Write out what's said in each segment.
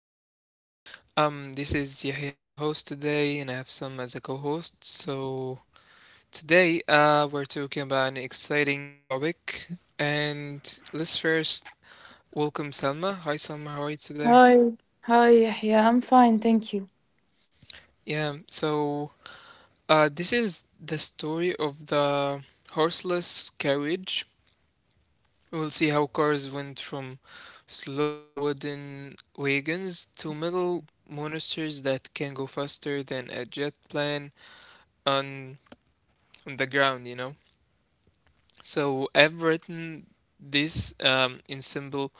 episode. This is Yahya as a host today, and I have some as a co-host. So today, we're talking about an exciting topic, and let's first welcome Salma. Hi Salma, how are you today? Hi. Hi, Yahya. I'm fine, thank you. Yeah. So, this is the story of the horseless carriage. We'll see how cars went from slow wooden wagons to metal monsters that can go faster than a jet plane on, on the ground. So I've written this in simple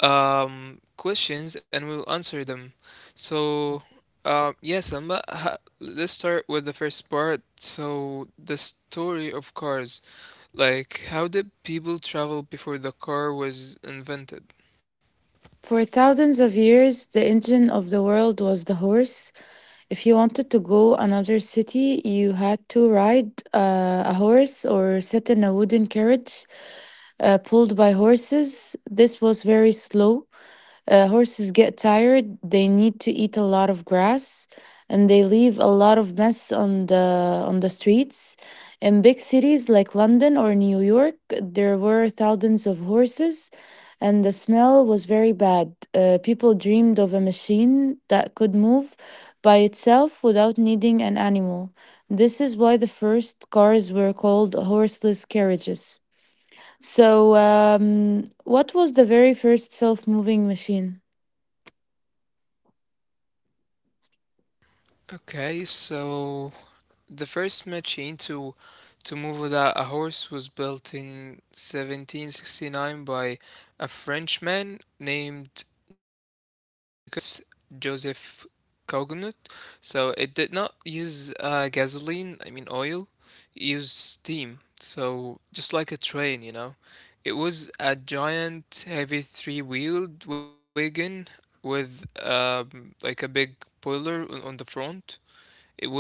questions, and we'll answer them. So, yes, Alma, let's start with the first part. So, the story of cars. Like, how did people travel before the car was invented? For thousands of years, the engine of the world was the horse. If you wanted to go another city, you had to ride a horse or sit in a wooden carriage pulled by horses. This was very slow. Horses get tired, they need to eat a lot of grass, and they leave a lot of mess on the streets. In big cities like London or New York, there were thousands of horses, and the smell was very bad. People dreamed of a machine that could move by itself without needing an animal. This is why the first cars were called horseless carriages. So, what was the very first self moving machine? Okay, so the first machine to move without a horse was built in 1769 by a Frenchman named Nicolas Joseph Cognut. So it did not use gasoline, I mean oil, it used steam. So just like a train. It was a giant, heavy three-wheeled wagon with like a big boiler on the front.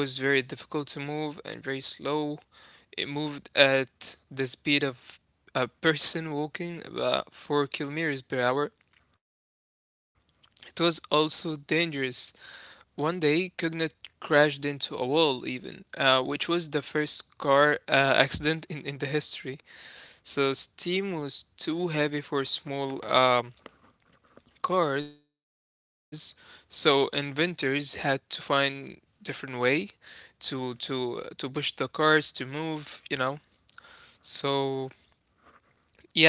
It was very difficult to move and very slow. It moved at the speed of a person walking about 4 kilometers per hour. It was also dangerous. One day, Cognet crashed into a wall, even, which was the first car accident in the history. So, steam was too heavy for small cars, so inventors had to find different way to to to push the cars to move. So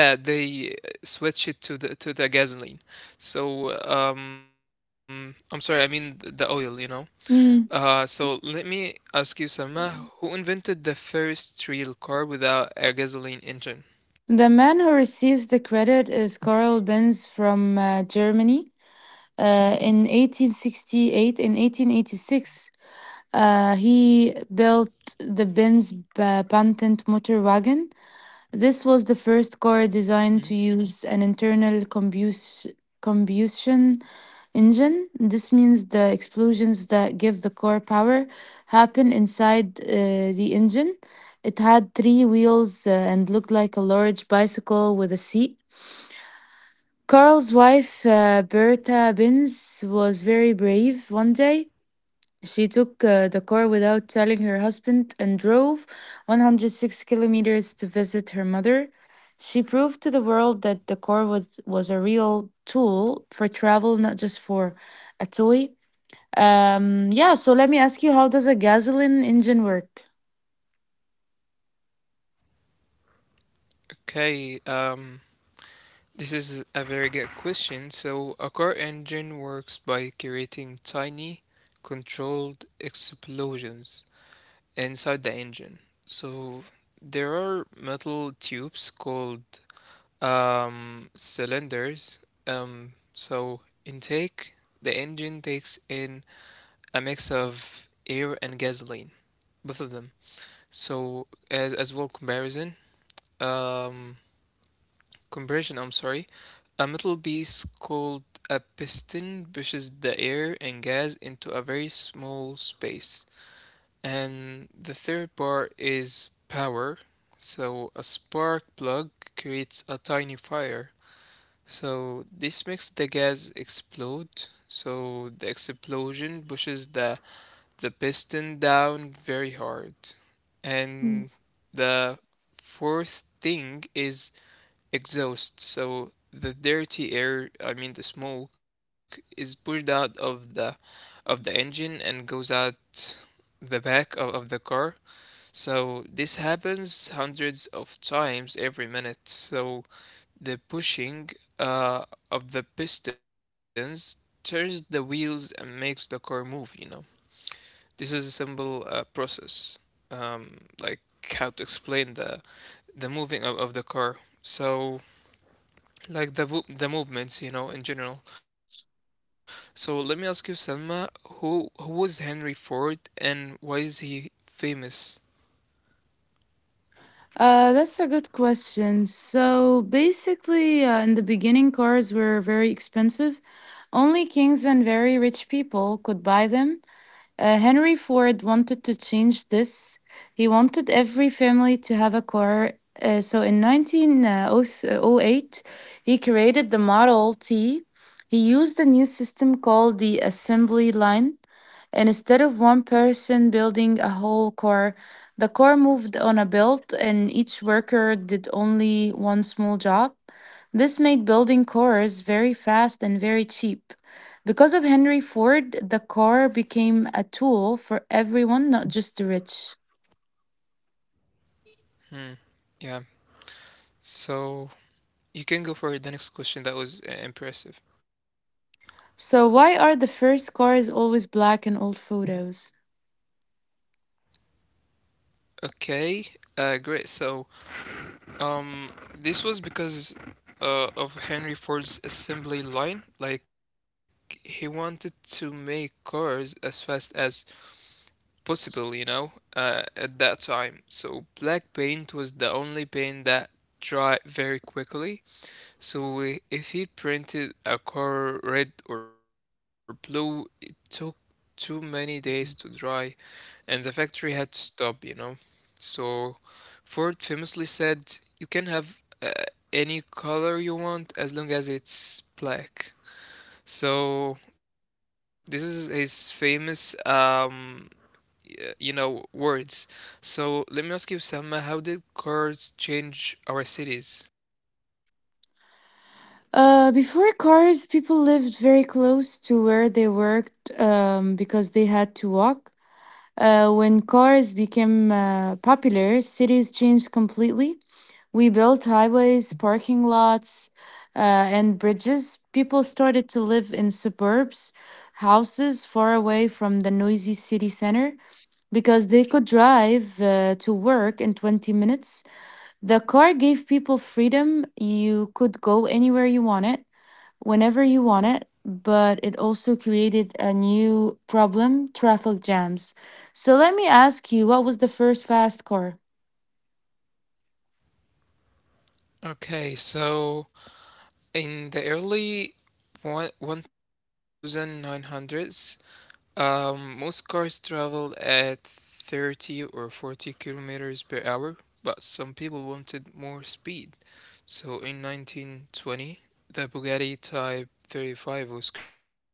yeah, they switch it to the gasoline. So I'm sorry, I mean the oil you know Mm. uh So let me ask you, Salma, who invented the first real car without a gasoline engine? The man who receives the credit is Karl Benz from Germany. In 1868, in 1886, he built the Benz patent motor wagon. This was the first car designed to Hmm? use an internal combustion engine. This means the explosions that give the car power happen inside the engine. It had three wheels and looked like a large bicycle with a seat. Carl's wife, Bertha Benz, was very brave one day. She took the car without telling her husband and drove 106 kilometers to visit her mother. She proved to the world that the car was a real tool for travel, not just for a toy. Yeah, so let me ask you how does a gasoline engine work? Okay, this is a very good question. So, a car engine works by creating tiny, controlled explosions inside the engine. So there are metal tubes called cylinders. So intake, the engine takes in a mix of air and gasoline, both of them. So as well, comparison, um, compression. I'm sorry, a metal piece called a piston pushes the air and gas into a very small space. And the third part is power. So a spark plug creates a tiny fire. So this makes the gas explode. So the explosion pushes the piston down very hard. Mm. And the fourth thing is exhaust. So the dirty air, I mean the smoke, is pushed out of the engine and goes out the back of the car. So this happens hundreds of times every minute. So the pushing uh, of the pistons turns the wheels and makes the car move. This is a simple process. Like how to explain the moving of the car. So like the the movements, in general. So let me ask you, Selma, who was Henry Ford and why is he famous? That's a good question. So basically, in the beginning, cars were very expensive. Only kings and very rich people could buy them. Henry Ford wanted to change this. He wanted every family to have a car. So in 1908, he created the Model T. He used a new system called the assembly line. And instead of one person building a whole car, the car moved on a belt and each worker did only one small job. This made building cars very fast and very cheap. Because of Henry Ford, the car became a tool for everyone, not just the rich. Hmm. Yeah. So you can go for the next question. That was impressive. So, why are the first cars always black in old photos? Okay, great. So, um, this was because of Henry Ford's assembly line. Like, he wanted to make cars as fast as possible, at that time. So, black paint was the only paint that dry very quickly. So, if he printed a car red or blue, it took too many days to dry and the factory had to stop. So Ford famously said, "You can have any color you want as long as it's black." So this is his famous words. So let me ask you, Sam, how did cars change our cities? Before cars, people lived very close to where they worked because they had to walk. When cars became popular, cities changed completely. We built highways, parking lots, and bridges. People started to live in suburbs, houses far away from the noisy city center, because they could drive to work in 20 minutes. The car gave people freedom. You could go anywhere you wanted, whenever you wanted, but it also created a new problem traffic jams. So let me ask you, what was the first fast car? Okay, so in the early one 1900s, most cars travel at 30 or 40 kilometers per hour, but some people wanted more speed. So in 1920, the Bugatti Type 35 was created.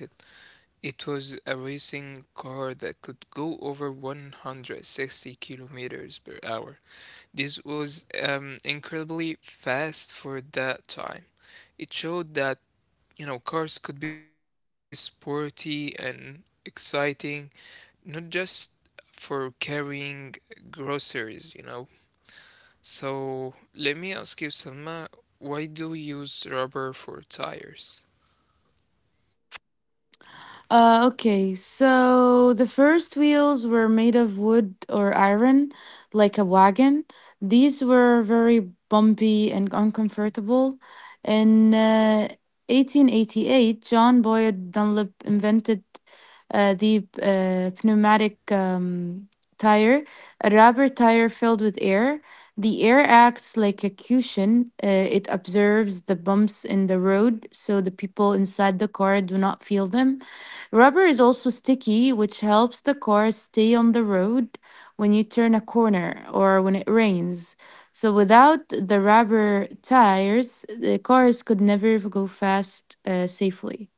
It was a racing car that could go over 160 kilometers per hour. This was incredibly fast for that time. It showed that, you know, cars could be sporty and exciting, not just for carrying groceries. So let me ask you, Salma, why do we use rubber for tires? Okay, so the first wheels were made of wood or iron, like a wagon. These were very bumpy and uncomfortable. In 1888, John Boyd Dunlop invented the pneumatic tire, a rubber tire filled with air. The air acts like a cushion. It observes the bumps in the road so the people inside the car do not feel them. Rubber is also sticky, which helps the car stay on the road when you turn a corner or when it rains. So, without the rubber tires, the cars could never go fast safely.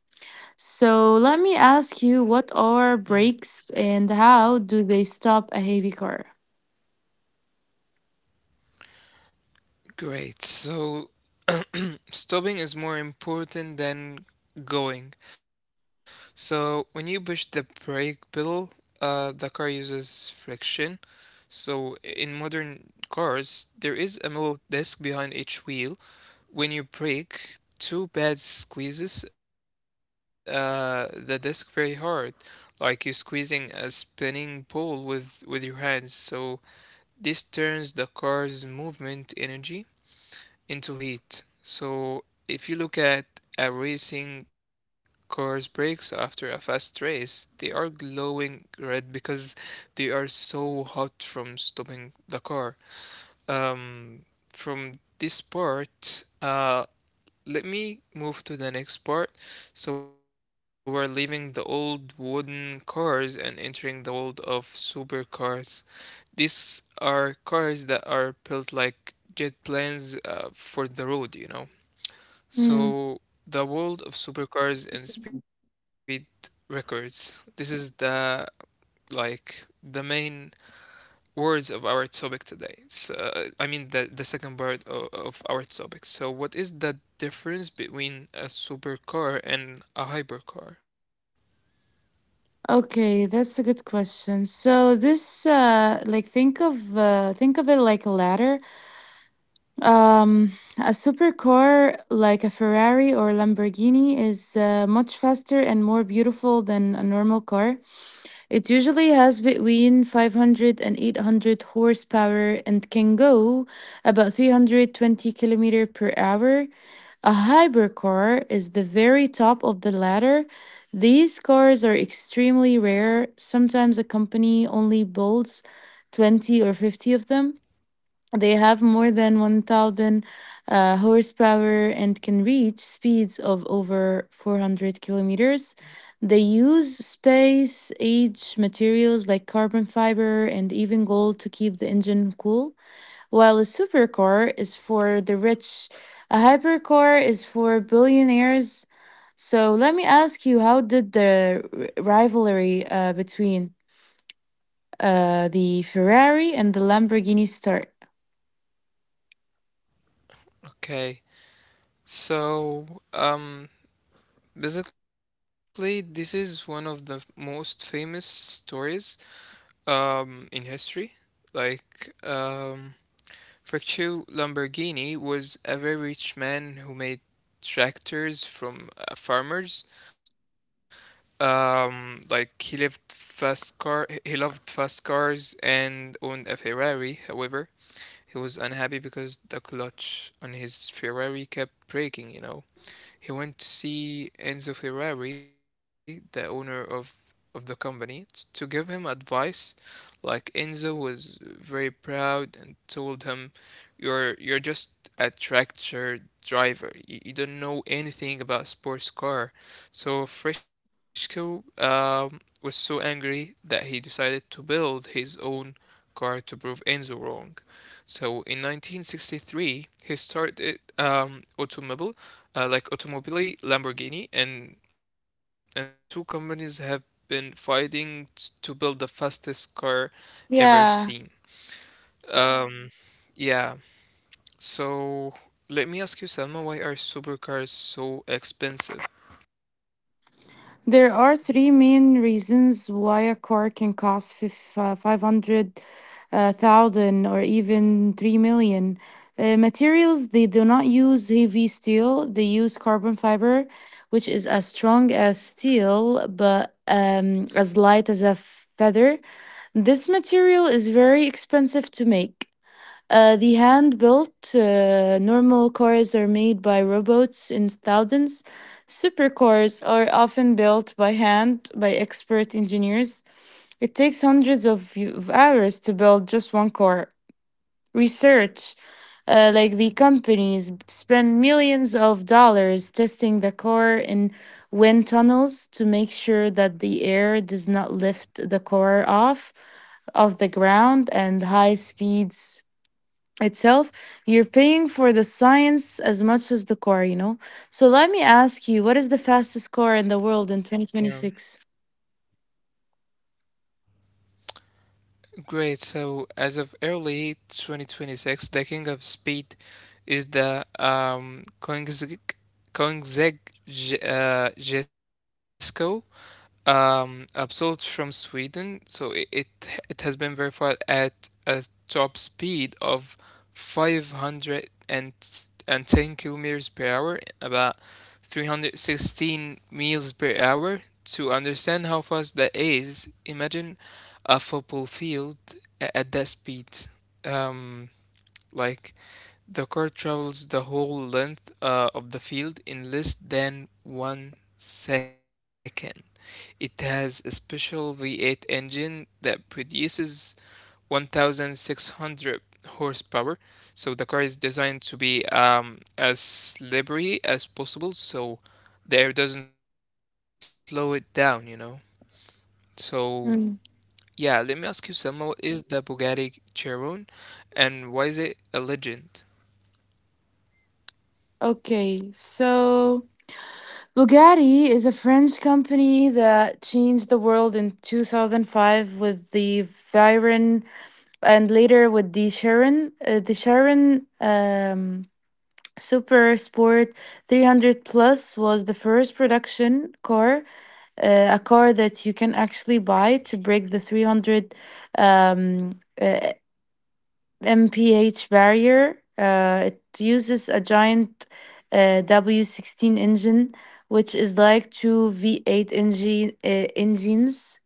So, let me ask you what Mm. are brakes and how do they stop a heavy car? Great. So stopping is more important than going. So when you push the brake pedal, the car uses friction. So in modern cars, there is a metal disc behind each wheel. When you break, two bad squeezes the disc very hard, like you're squeezing a spinning ball with your hands. So this turns the car's movement energy into heat. So if you look at a racing car's brakes after a fast race, they are glowing red because they are so hot from stopping the car. Um, from this part, let me move to the next part. So we're leaving the old wooden cars and entering the world of supercars. These are cars that are built like jet planes for the road. Hmm. So the world of supercars and speed records. This is the like the main words of our topic today. So, I mean the second part of our topic. So what is the difference between a supercar and a hypercar? Okay, that's a good question. So this like think of it like a ladder. Um, a supercar like a Ferrari or Lamborghini is much faster and more beautiful than a normal car. It usually has between 500 and 800 horsepower and can go about 320 kilometer per hour. A hypercar is the very top of the ladder. These cars are extremely rare. Sometimes a company only builds 20 or 50 of them. They have more than 1,000 horsepower and can reach speeds of over 400 kilometers. They use space age materials like carbon fiber and even gold to keep the engine cool. While a supercar is for the rich, a hypercar is for billionaires. So let me ask you, how did the rivalry between the Ferrari and the Lamborghini start? Okay. So basically, this is one of the most famous stories in history. Like Ferruccio Lamborghini was a very rich man who made tractors from farmers. Like, he lived fast car. He loved fast cars and owned a Ferrari. However, he was unhappy because the clutch on his Ferrari kept breaking. He went to see Enzo Ferrari, the owner of the company, to give him advice. Like Enzo was very proud and told him, "You're just a tractor driver. You don't know anything about sports car." So Fresco was so angry that he decided to build his own car to prove Enzo wrong. So in 1963, he started automobile, like Automobili Lamborghini, and the two companies have been fighting to build the fastest car ever Yeah. seen. Um, yeah. So let me ask you, Selma, why are supercars so expensive? There are three main reasons why a car can cost 500,000 or even 3 million. Materials, they do not use heavy steel, they use carbon fiber, which is as strong as steel but as light as a feather. This material is very expensive to make. The hand built normal cars are made by robots in thousands. Supercars are often built by hand by expert engineers. It takes hundreds of hours to build just one car. Research, like the companies, spend millions of dollars testing the car in wind tunnels to make sure that the air does not lift the car off of the ground and high speeds itself. You're paying for the science as much as the car, you know? So let me ask you, what is the fastest car in the world in Yeah. 2026? Great. So as of early 2026, the king of speed is the Koenigsegg Jesko absolute from Sweden, so it has been verified at a top speed of 510 kilometers per hour, about 316 miles per hour. To understand how fast that is, imagine a football field at that speed. Um, like, the car travels the whole length of the field in less than 1 second. It has a special V8 engine that produces 1600 horsepower. So the car is designed to be as slippery as possible so the air doesn't slow it down. So, Mm. yeah, let me ask you, Selma, what is the Bugatti Chiron and why is it a legend? Okay, so Bugatti is a French company that changed the world in 2005 with the Veyron and later with the Sharon. The Sharon Super Sport 300 Plus was the first production car, a car that you can actually buy to break the 300 um, uh, mph barrier. It uses a giant W16 engine, which is like two V8 engine, uh, engines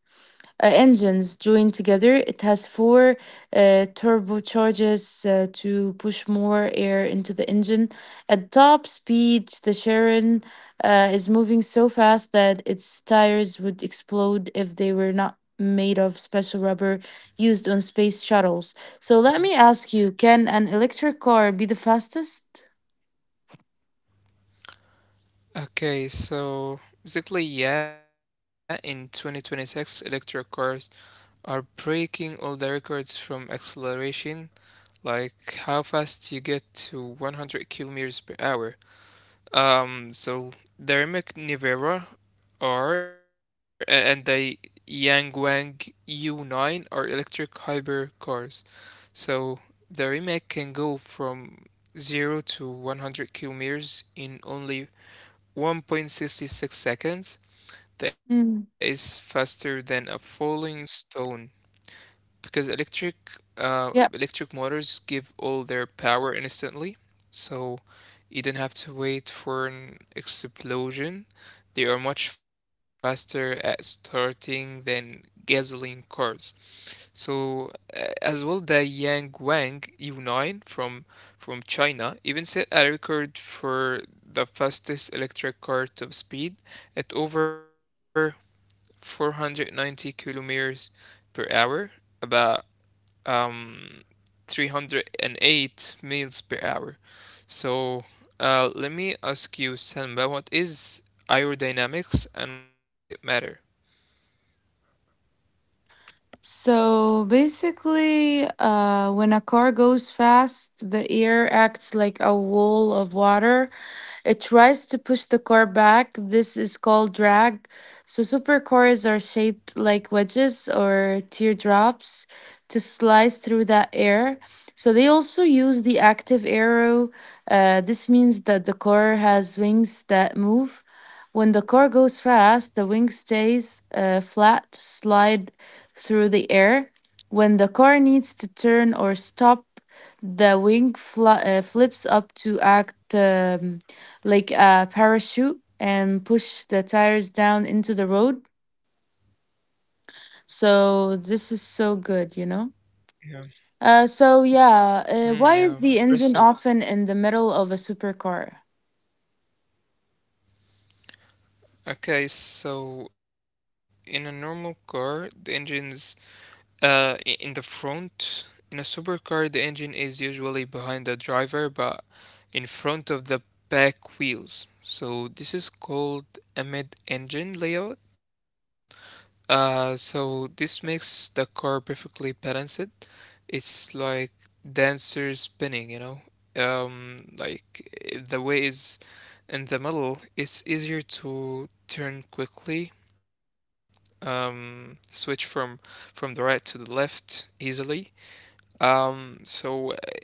uh, engines joined together. It has four turbochargers to push more air into the engine. At top speed, the Sharon is moving so fast that its tires would explode if they were not made of special rubber used on space shuttles. So let me ask you can an electric car be the fastest? Okay, so basically, yeah, in 2026, electric cars are breaking all the records from acceleration, like how fast you get to 100 kilometers per hour. So the Rimac Nevera, and the Yangwang U9 are electric hybrid cars. So the Rimac can go from 0 to 100 kilometers in only 1.66 seconds. Mm. That is faster than a falling stone because electric Yeah. uh, electric motors give all their power instantly, so you don't have to wait for an explosion. They are much faster at starting than gasoline cars. So as well, the Yang Wang U9 from China even set a record for the fastest electric car top speed at over 490 kilometers per hour, about um, 308 miles per hour. So let me ask you, Selma, what is aerodynamics and why does it matter? So basically, when a car goes fast, the air acts like a wall of water. It tries to push the car back. This is called drag. So supercars are shaped like wedges or teardrops to slice through that air. So they also use the active arrow. This means that the car has wings that move. When the car goes fast, the wing stays flat to slide through the air. When the car needs to turn or stop, the wing fl flips up to act like a parachute and push the tires down into the road. So this is so good, you know? Yeah. So yeah, why is the Hmm, yeah, engine often impressive. in the middle of a supercar? Okay, so in a normal car, the engine's in the front. In a supercar, the engine is usually behind the driver, but in front of the back wheels. So this is called a mid-engine layout. So this makes the car perfectly balanced. It's like dancer spinning. Like the way is in the middle, it's easier to turn quickly, switch from the right to the left easily. So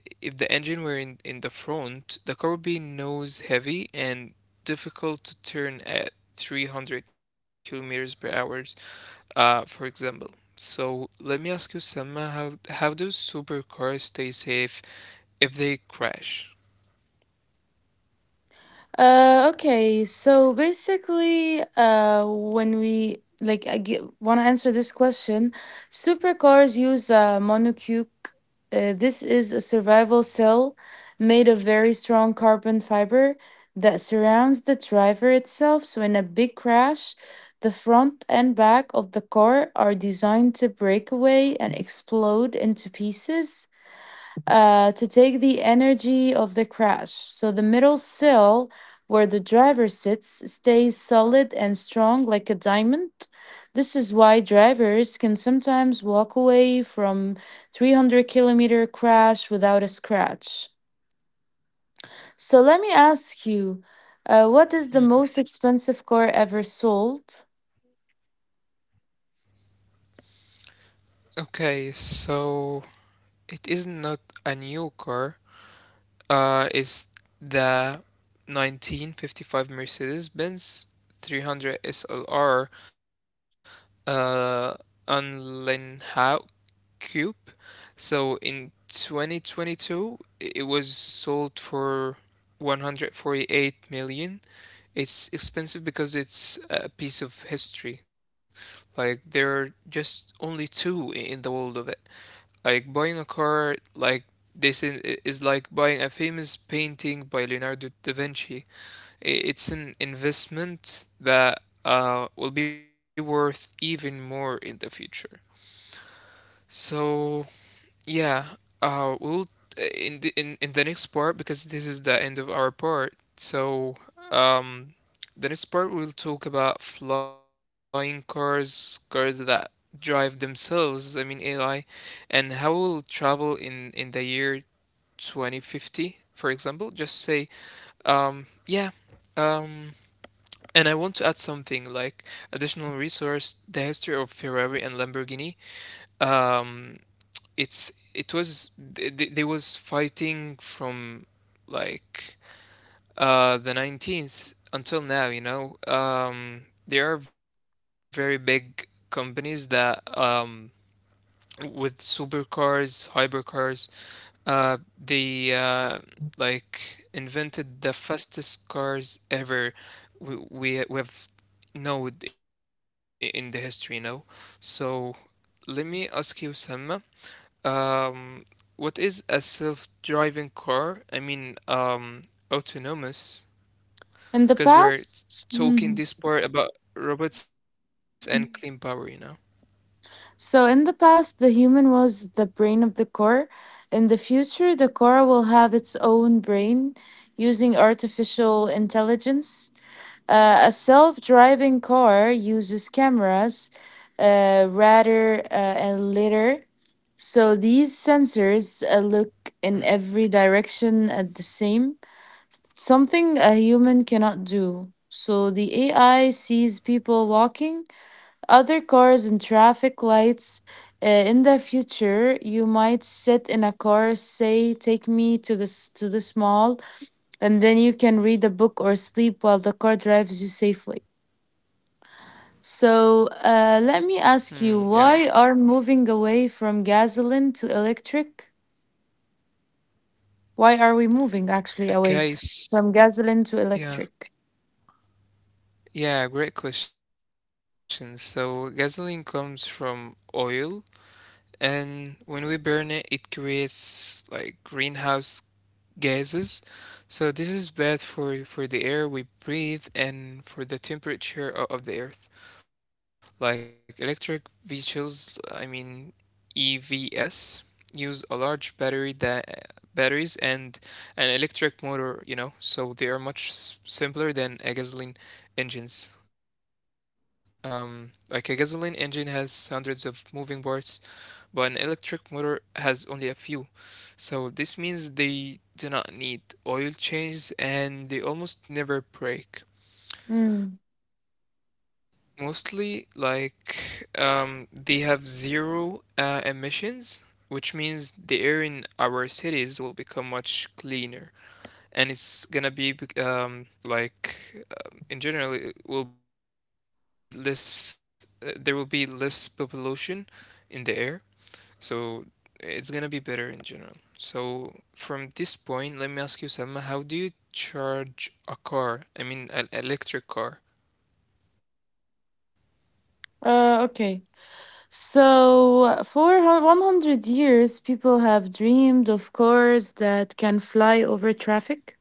if the engine were in the front, the car would be nose heavy and difficult to turn at 300 kilometers per hour, for example. So let me ask you, Selma, how do supercars stay safe if they crash? Okay, so basically, when we like I want to answer this question, supercars use a monocoque. This is a survival cell made of very strong carbon fiber that surrounds the driver itself. So, in a big crash, the front and back of the car are designed to break away and explode into pieces to take the energy of the crash. So the middle sill, where the driver sits, stays solid and strong like a diamond. This is why drivers can sometimes walk away from 300-kilometer crash without a scratch. So let me ask you, what is the most Mm. expensive car ever sold Okay, so it is not a new car. It's the 1955 Mercedes-Benz 300 SLR uh, Unleashed Coupe. So in 2022, it was sold for 148 million. It's expensive because it's a piece of history. Like there are just only two in the world of it. Like buying a car like this is like buying a famous painting by Leonardo da Vinci. It's an investment that will be worth even more in the future. So yeah, we'll in the next part, because this is the end of our part. Um, the next part we'll talk about flying cars, cars that drive themselves, I mean AI, and how we'll travel in the year 2050, for example. Just say, yeah, um, and I want to add something like additional resource, the history of Ferrari and Lamborghini. Um, it's it was they was fighting from like the 19th until now, there are very big companies that with supercars, hypercars, they like invented the fastest cars ever we have known in the history, you know. So let me ask you, Salma, um, what is a self-driving car? I mean, autonomous, in the because past? talking Mhm. this part about robots and clean power, you know? So, in the past, the human was the brain of the core. In the future, the core will have its own brain using artificial intelligence. A self driving car uses cameras, radar, and lidar. So, these sensors look in every direction at the same, something a human cannot do. So, the AI sees people walking other cars and traffic lights. In the future, you might sit in a car, say, "Take me to this mall," and then you can read a book or sleep while the car drives you safely. So, let Hmm, me yeah. ask you, why are moving away from gasoline to electric? Why are we moving actually away Okay, from s- gasoline to electric? yeah. Yeah, great question. So gasoline comes from oil, and when we burn it, it creates like greenhouse gases. So this is bad for the air we breathe and for the temperature of the earth. Like electric vehicles, I mean EVs, use a large battery that batteries and an electric motor, you know, so they are much simpler than a gasoline engines. Like a gasoline engine has hundreds of moving parts, but an electric motor has only a few. So this means they do not need oil changes and they almost never Mm. break. Mostly, they have zero emissions, which means the air in our cities will become much cleaner. And it's gonna be, bec- like, in general, it will be less, there will be less pollution in the air. So it's gonna be better in general. So from this point, let me ask you, Selma, how do you charge a car? I mean, an electric car. Okay. So, for 100 years, people have dreamed of cars that can fly over traffic.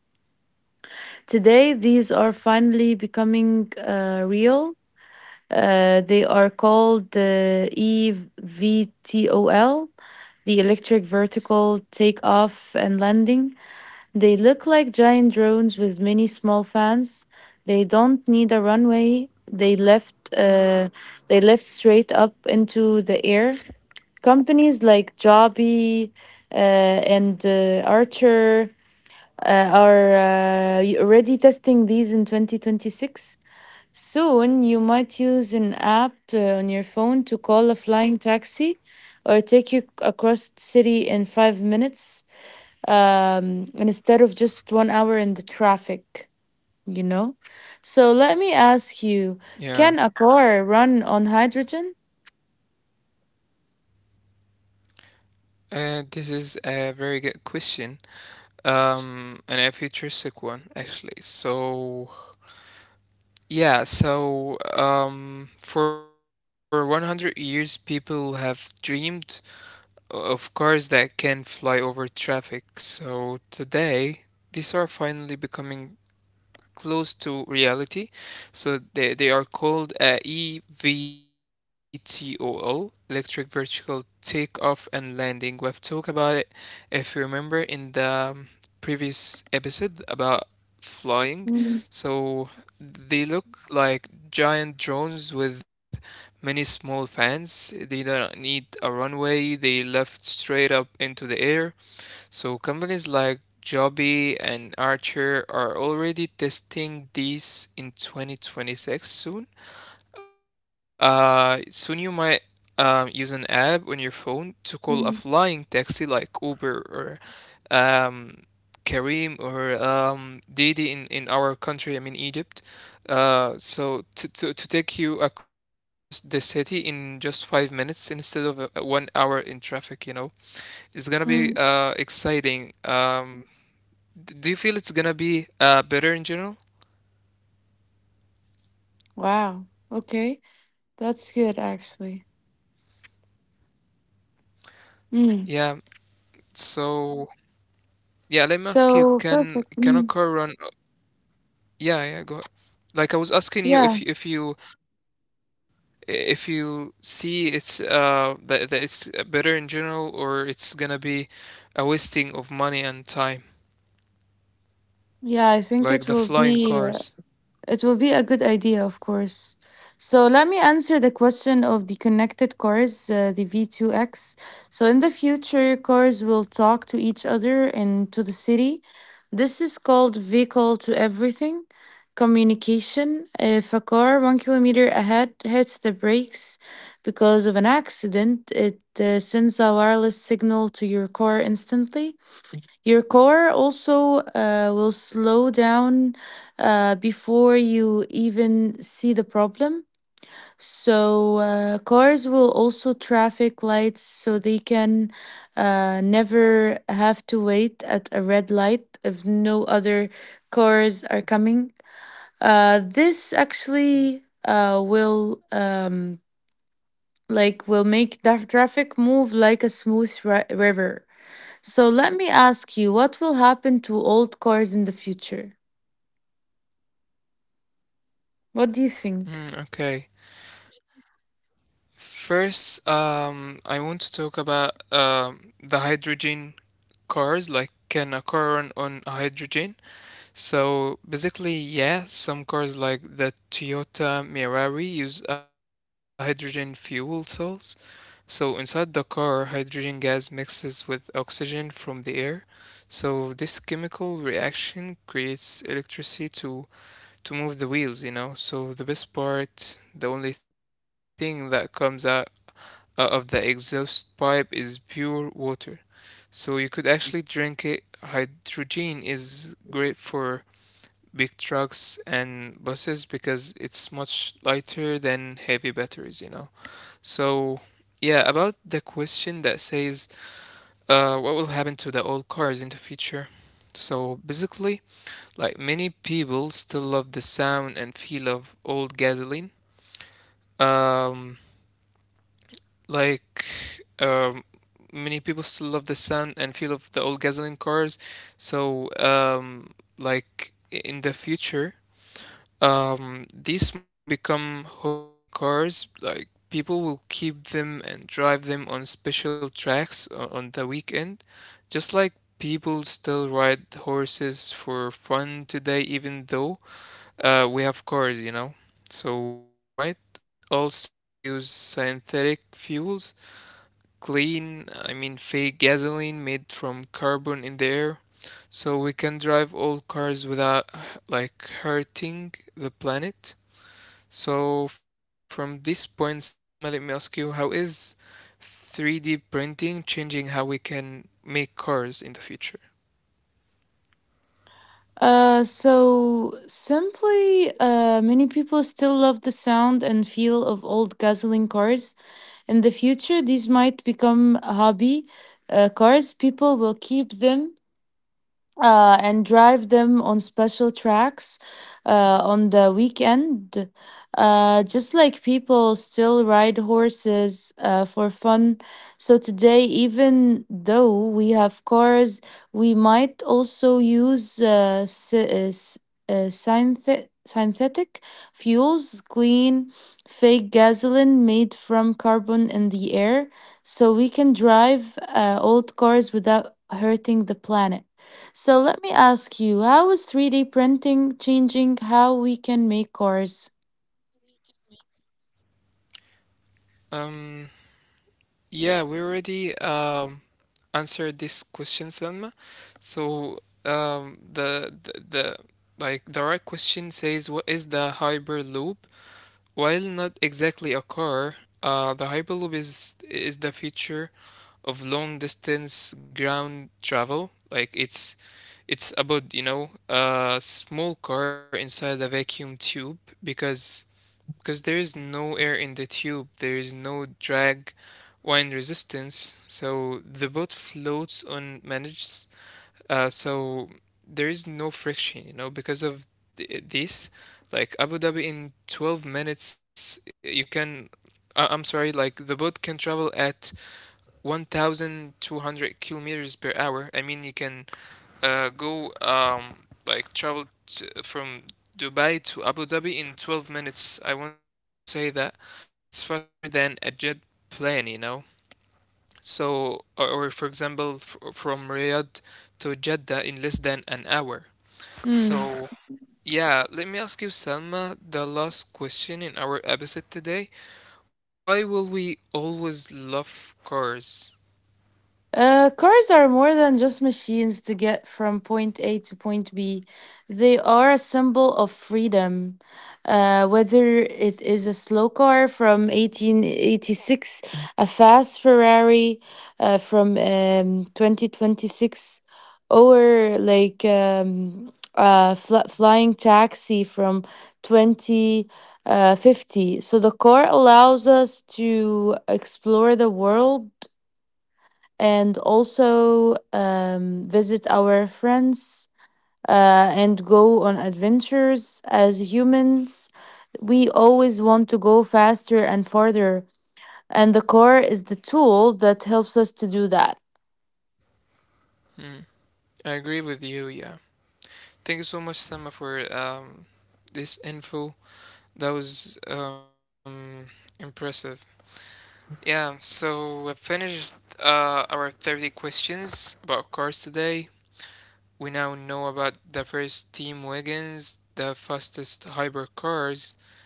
Today, these are finally becoming real. They are called the EVTOL, the electric vertical takeoff and landing. They look like giant drones with many small fans. They don't need a runway. They left. They lift straight up into the air. Companies like Joby and Archer are already testing these in 2026. Soon, you might use an app on your phone to call a flying taxi or take you across the city in 5 minutes instead of just 1 hour in the traffic, you know? So, let me ask you can a car run on hydrogen? This is a very good question, and a futuristic one actually. So for 100 years, people have dreamed of cars that can fly over traffic. So today, these are finally becoming close to reality. So they are called EVTOL, electric vertical takeoff and landing. We've talked about it, if you remember, in the previous episode about flying. Mm, So they look like giant drones with many small fans. They don't need a runway, they lift straight up into the air. So companies like Joby and Archer are already testing these in 2026 soon. Soon you might use an app on your phone to call a mm, flying taxi like Uber or Kareem or Didi in our country, I mean Egypt. So to take you across the city in just 5 minutes instead of 1 hour in traffic, you know. It's gonna be mm. Exciting. Do you feel it's gonna be better in general? Wow. Okay. That's good, actually. Mm. Yeah. So yeah, let me ask you, So perfect. can Mm. a car run? Yeah, yeah, go. Yeah, Like I was asking you if if you see it's that it's better in general or it's gonna be a wasting of money and time, yeah. I think like it the will flying be. uh, cars. It will be a good idea, of course. So let me answer the question of the connected cars, the V2X. So in the future, cars will talk to each other and to the city. This is called vehicle to everything communication. If a car 1 kilometer ahead hits the brakes because of an accident, it sends a wireless signal to your car instantly. Your car also will slow down before you even see the problem. So, cars will also traffic lights so they can never have to wait at a red light if no other cars are coming. This actually will like will make the traffic move like a smooth river. So let me ask you, what will happen to old cars in the future? What do you Mm, think? okay. First, I want to talk about the hydrogen cars like can occur on hydrogen. So basically, yeah, some cars like the Toyota Mirai use hydrogen fuel cells. So inside the car, hydrogen gas mixes with oxygen from the air. So this chemical reaction creates electricity to move the wheels, you know. So the best part, the only thing that comes out of the exhaust pipe is pure water. So you could actually drink it. Hydrogen is great for big trucks and buses because it's much lighter than heavy batteries, you know. So, yeah, about the question that says, what will happen to the old cars in the future? So basically, like many people still love the sound and feel of old gasoline. Um, Like, um, many people still love the sound and feel of the old gasoline cars. So, um, like in the future, these might become hobby cars. Like people will keep them and drive them on special on the weekend, just like people still ride horses for fun today, even though we have cars, you know. So we might also use synthetic fuels clean, I mean fake gasoline made from carbon in the air. So we can drive all cars without like hurting the planet. So from this point, Selma, let me ask you, how is 3D printing changing how we can make cars in the future? So simply, many people still love the sound and feel of old gasoline cars. In the future, these might become hobby cars. People will keep them and drive them on special tracks uh, on the weekend. Just like people still ride horses for fun. So today, even though we have cars, we might also use synthetic fuels, clean, fake gasoline made from carbon in the air, so we can drive old cars without hurting the planet. So let me ask you, how is 3D printing changing how we can make cars? Um, Yeah, we already answered this question, Selma. So the like the right question says, what is the hyperloop? While not exactly a car, the hyperloop is the feature of long distance ground travel. Like it's about, you know, a small car inside a vacuum tube because there is no air in the tube, there is no drag, wind resistance, so the boat floats unmanaged. So there is no friction, you know, because of this. Like Abu Dhabi in 12 minutes, you can. I- I'm sorry, like the boat can travel at 1,200 kilometers per hour. I mean, you can go like travel from Dubai to Abu Dhabi in 12 minutes. I want to say that like it's faster than a jet plane, you know. So, or for example, f from Riyadh to Jeddah in less than an hour. So, yeah, let me ask you, Selma, the last question in our episode today. Why will we always love cars? Cars are more than just machines to get from point A to point B. They are a symbol of freedom. Whether it is a slow car from 1886, a fast Ferrari from 2026, or like a flying taxi from 2050. 50. So the car allows us to explore the world and also visit our friends and go on adventures as humans. We always want to go faster and farther, and the car is the tool that helps us to do that. Hmm, I agree with you, yeah. Thank you so much, Selma, for this info. That was impressive. Yeah, so we've finished our 30 questions about cars today. We now know about the first Team Wagons, the fastest hypercars,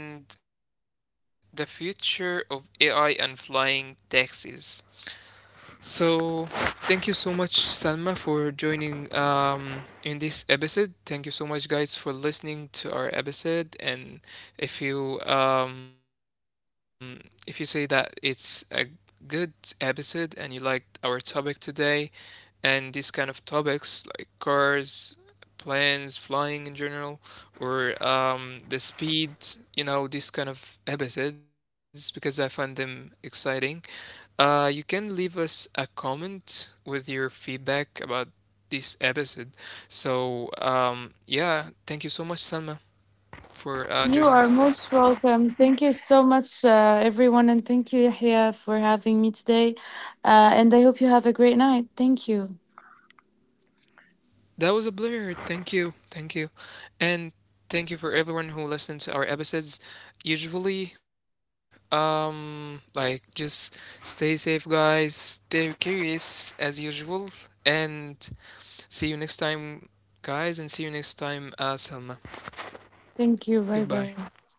and the future of AI and flying taxis. So, thank you so much, Salma, for joining in this episode. Thank you so much, guys, for listening to our episode. And if you um, if you say that it's a good episode and you liked our topic today, and these kind of topics like cars, planes, flying in general, or the speed, you know, these kind of episodes because I find them exciting. You can leave us a comment with your feedback about this episode. So, yeah, thank you so much, Salma, for You are joining most today. welcome. Thank you so much, everyone, and thank you, Yahya, for having me today. And I hope you have a great night. Thank you. That was a pleasure. Thank you. Thank you. And thank you for everyone who listened to our episodes. Usually, just stay safe, guys. Stay curious, as usual. And see you next time, guys. And see you next time, Salma. Thank you. Bye bye. Goodbye.